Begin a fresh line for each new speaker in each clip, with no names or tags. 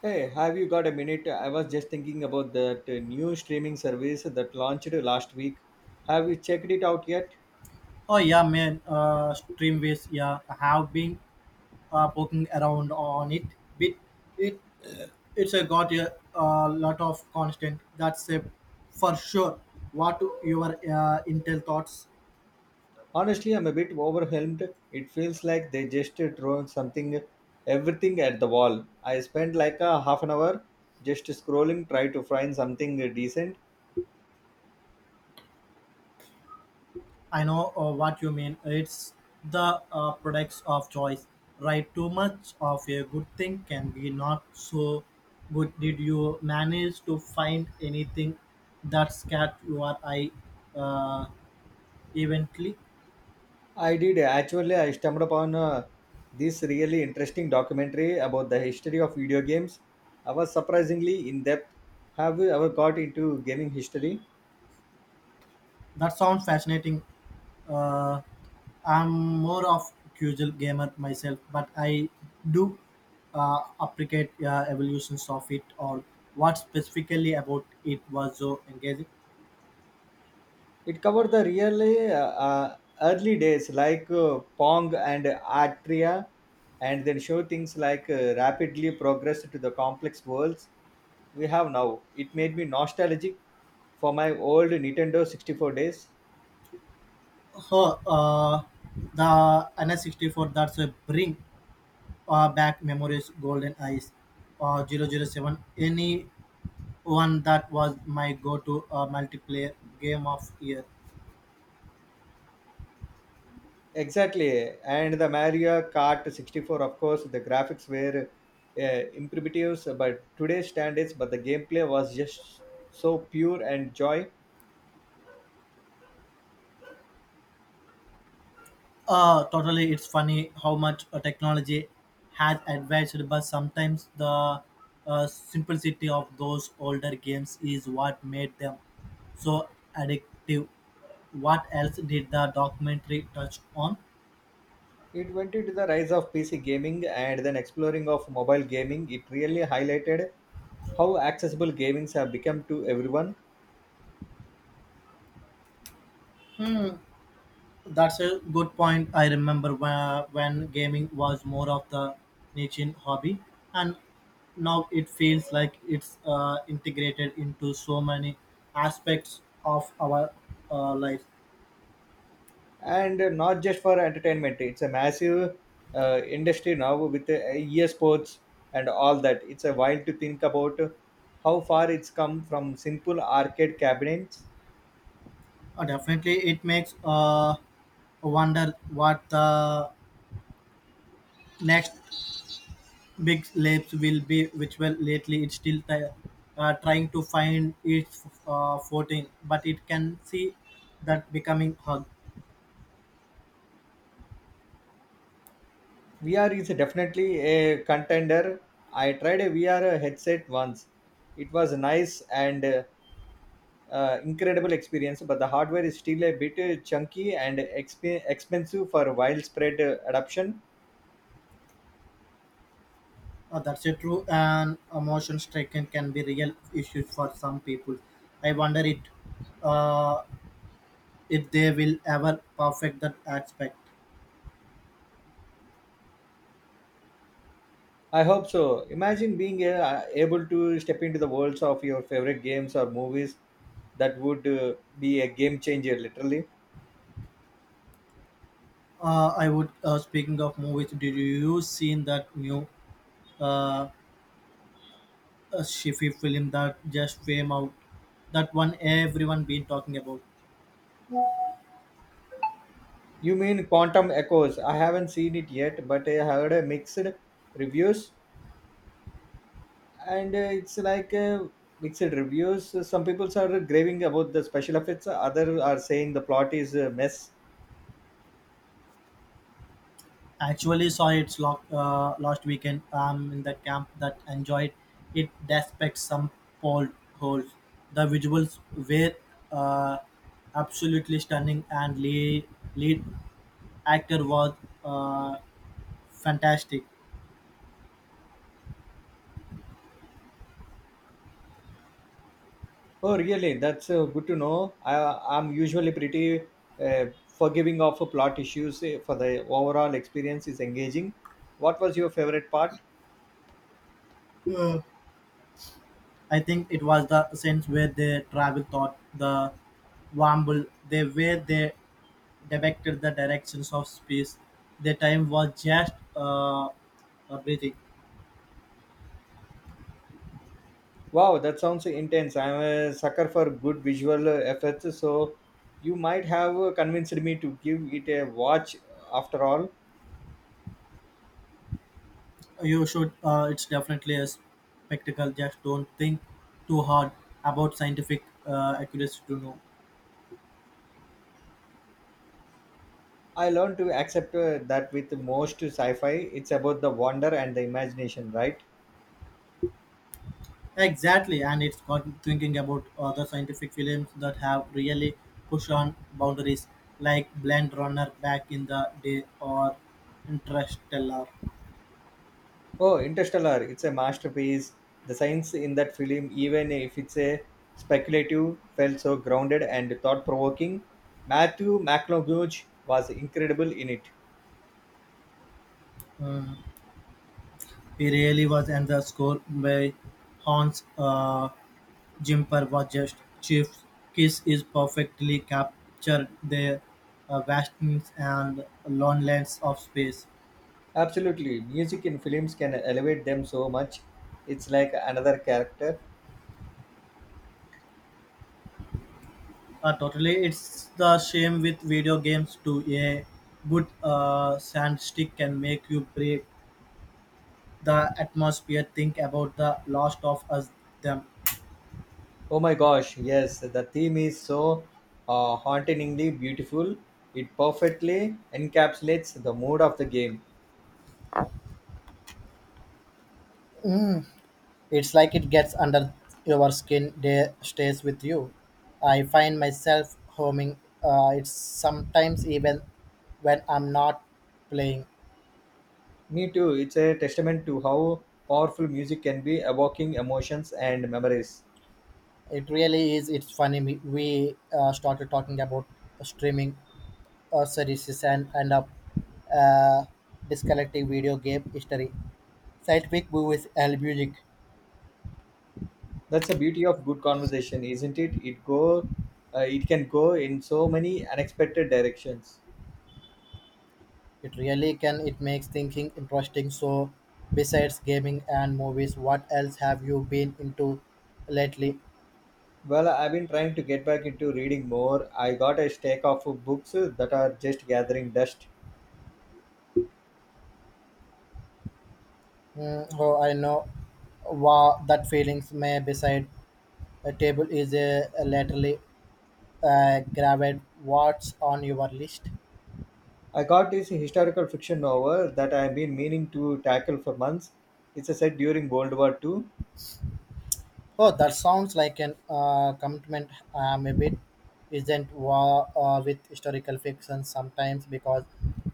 Hey, have you got a minute? I was just thinking about that new streaming service that launched last week. Have you checked it out yet?
Oh yeah, man. Streamways. Yeah, I have been poking around on it. Bit it uh, it's a got a lot of constant. That's a for sure. What your Intel thoughts?
Honestly, I'm a bit overwhelmed. It feels like they just throw something, everything at the wall. I spent like a half an hour just scrolling, try to find something decent.
I know what you mean. It's the products of choice, right? Too much of a good thing can be not so good. Did you manage to find anything that's catch your eye uh, eventually?
I did actually. I stumbled upon this really interesting documentary about the history of video games. I was surprisingly in depth. Have you ever got into gaming history?
That sounds fascinating. Uh, I'm more of casual gamer myself, but I do appreciate evolutions of it or what specifically about it was so engaging.
It covered the really early days like Pong and Atria, and then show things like rapidly progressed to the complex worlds we have now. It made me nostalgic for my old Nintendo 64 days.
So, the NS64 that's a bring back memories, Golden Eyes, 007. Any one that was my go-to multiplayer game of year.
Exactly, and the Mario Kart 64, of course, the graphics were imperatives, by today's standards, but the gameplay was just so pure and joy.
Totally, it's funny how much technology has advanced, but sometimes the simplicity of those older games is what made them so addictive. What else did the documentary touch on?
It went into the rise of PC gaming and then exploring of mobile gaming. It really highlighted how accessible gamings have become to everyone,
Hmm, that's a good point. I remember when gaming was more of the niche hobby, and now it feels like it's integrated into so many aspects of our life.
and not just for entertainment. It's a massive industry now with e and all that. It's a while to think about how far it's come from simple arcade cabinets.
Definitely, it makes wonder what the next big labs will be. Which well, lately it's still trying to find its footing, but it can see that becoming hug.
VR is definitely a contender. I tried a VR headset once. It was nice and incredible experience, but the hardware is still a bit chunky and expensive for widespread adoption.
That's a true and emotion striking can be real issues for some people. I wonder it uh, if they will ever perfect that aspect.
I hope so. Imagine being able to step into the worlds of your favorite games or movies. That would be a game changer, literally.
I would. Speaking of movies, did you seen that new uh, a Shifi film that just came out. That one everyone been talking about.
You mean Quantum Echoes? I haven't seen it yet, but I heard mixed reviews, and it's like mixed reviews. Some people are raving about the special effects, others are saying the plot is a mess.
Actually saw it's last weekend. I'm in the camp that enjoyed it despite some pole holes. The visuals were uh, absolutely stunning and lead actor was uh, fantastic.
Oh, really? That's good to know. I'm usually pretty forgiving of plot issues for the overall experience is engaging. What was your favorite part?
Uh, I think it was the sense where they travel thought the wamble they depicted the directions of space. The time was just breathing.
Wow, that sounds intense. I'm a sucker for good visual effects, so you might have convinced me to give it a watch after all.
You should. It's definitely a spectacle. Just don't think too hard about scientific accuracy to know.
I learned to accept that with most sci fi, it's about the wonder and the imagination, right?
Exactly, and it's got thinking about other scientific films that have really pushed on boundaries, like Blade Runner back in the day or Interstellar.
Oh, Interstellar. It's a masterpiece. The science in that film, even if it's a speculative, felt so grounded and thought provoking. Matthew McConaughey was incredible in it.
Mm. He really was, and the score by Hans. Jumper was just Chief's kiss is perfectly captured the vastness and loneliness of space.
Absolutely. Music in films can elevate them so much. It's like another character.
Totally, it's the same with video games too. A good sandstick can make you break the atmosphere. Think about the lost of us them.
Oh my gosh, yes, the theme is so hauntingly beautiful. It perfectly encapsulates the mood of the game.
It's like it gets under your skin. They stays with you. I find myself homing. It's sometimes even when I'm not playing.
Me too. It's a testament to how powerful music can be, evoking emotions and memories.
It really is. It's funny. We started talking about streaming services and end up uh, disconnecting video game history, scientific movies, and music.
That's the beauty of good conversation, isn't it? It can go in so many unexpected directions.
It really can. It makes thinking interesting. So, besides gaming and movies, what else have you been into lately?
Well, I've been trying to get back into reading more. I got a stack of books that are just gathering dust.
Mm, oh, I know. Wow, that feelings may beside a table is a lately grabbed. What's on your list?
I got this historical fiction novel that I've been meaning to tackle for months. It's a set during World War Two.
Oh, that sounds like an commitment. I'm a bit isn't with historical fiction sometimes because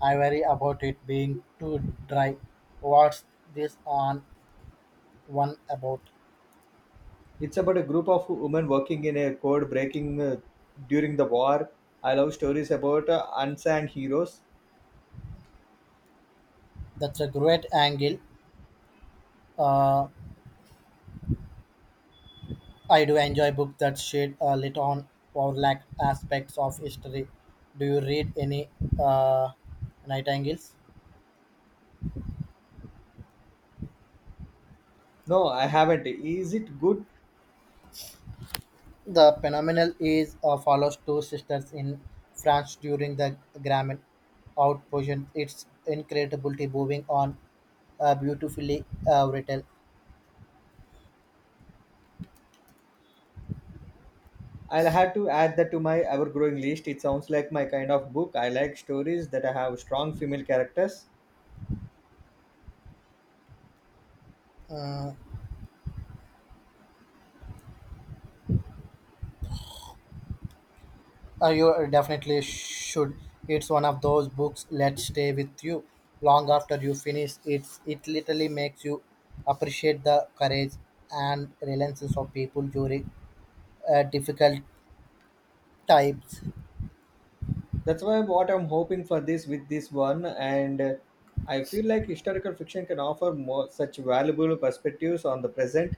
I worry about it being too dry. What's this on one about?
It's about a group of women working in a code breaking during the war. I love stories about unsung heroes.
That's a great angle. Uh, I do enjoy books that shed a light on overlapped aspects of history. Do you read any uh, night angles?
No, I haven't. Is it good?
The phenomenon is follows two sisters in France during the Grammy outpouring. It's incredibly moving on, beautifully written.
I'll have to add that to my ever growing list. It sounds like my kind of book. I like stories that I have strong female characters.
You definitely should. It's one of those books that stay with you long after you finish. It's it literally makes you appreciate the courage and resilience of people during difficult times.
That's why what I'm hoping for this with this one, and I feel like historical fiction can offer more such valuable perspectives on the present.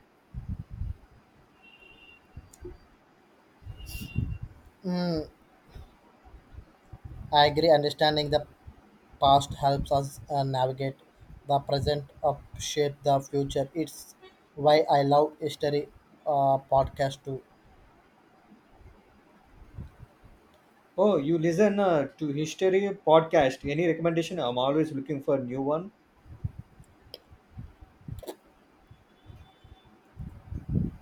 I agree. Understanding the past helps us navigate the present, shape the future. It's why I love history podcast too.
Oh, you listen to history podcast. Any recommendation? I'm always looking for new one.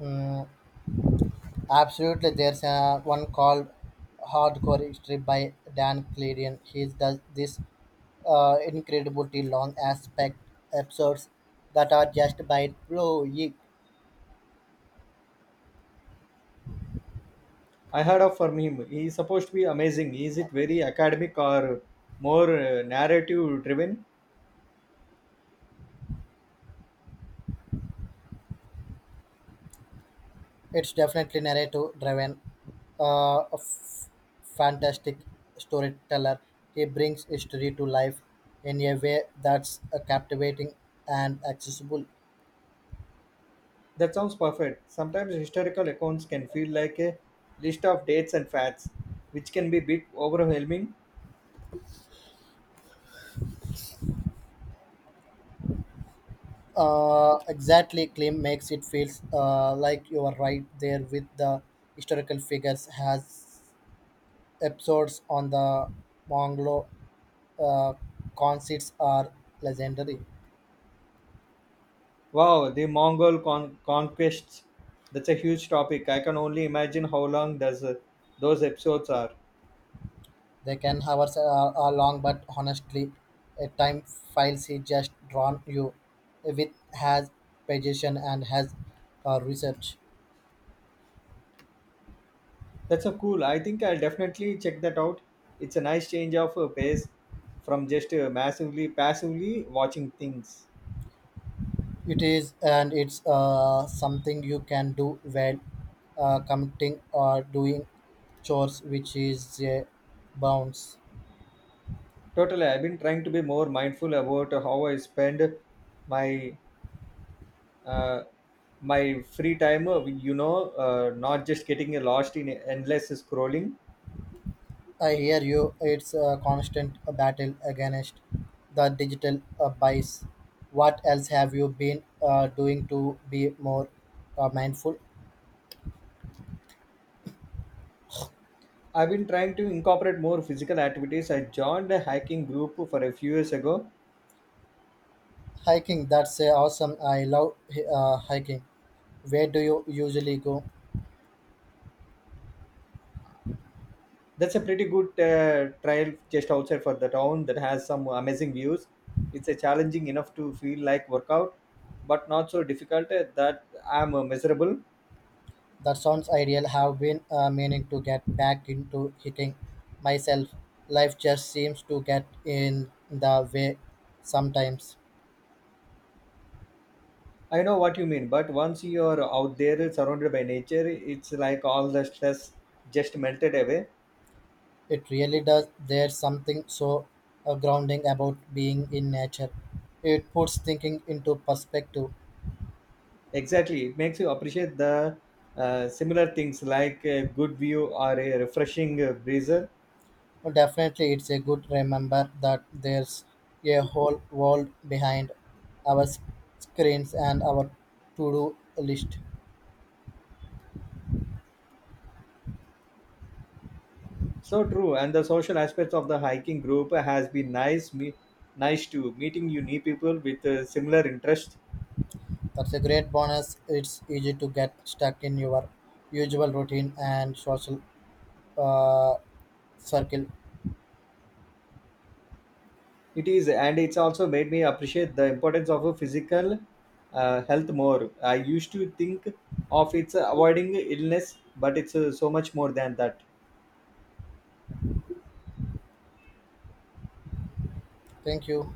Mm, absolutely, there's one called Hardcore History by Dan Clarion. He does this incredibly long aspect episodes that are just by blowing.
I heard of from him. He's supposed to be amazing. Is it very academic or more narrative driven?
It's definitely narrative driven, uh, a f- fantastic storyteller. He brings history to life in a way that's captivating and accessible.
That sounds perfect. Sometimes historical accounts can feel like a list of dates and facts, which can be a bit overwhelming.
Exactly, Klim makes it feels like you are right there with the historical figures. Has episodes on the Mongolo uh, concerts are legendary.
Wow, the Mongol conquests. That's a huge topic. I can only imagine how long does those episodes are.
They can hours are long, but honestly, a time file she just drawn you with has pagination and has research.
That's a cool. I think I'll definitely check that out. It's a nice change of pace from just massively passively watching things.
It is and it's something you can do when commuting or doing chores, which is a bounce.
Totally, I've been trying to be more mindful about how I spend my uh, my free time. You know, not just getting lost in endless scrolling.
I hear you. It's a constant battle against the digital bias. What else have you been doing to be more mindful?
I've been trying to incorporate more physical activities. I joined a hiking group for a few years ago.
Hiking, that's awesome. I love hiking. Where do you usually go?
That's a pretty good trail just outside for the town that has some amazing views. It's a challenging enough to feel like workout, but not so difficult that I'm miserable.
That sounds ideal. Have been meaning to get back into hiking myself. Life just seems to get in the way sometimes.
I know what you mean, but once you're out there surrounded by nature, it's like all the stress just melted away.
It really does. There's something so grounding about being in nature. It puts thinking into perspective.
Exactly, it makes you appreciate the similar things like a good view or a refreshing breezer.
Oh, definitely, it's a good remember that there's a whole world behind our screens and our to-do list.
So true, and the social aspects of the hiking group has been nice. Nice to meeting you new people with similar interests.
That's a great bonus. It's easy to get stuck in your usual routine and social uh, circle.
It is, and it's also made me appreciate the importance of a physical health more. I used to think of it's avoiding illness, but it's so much more than that.
Thank you.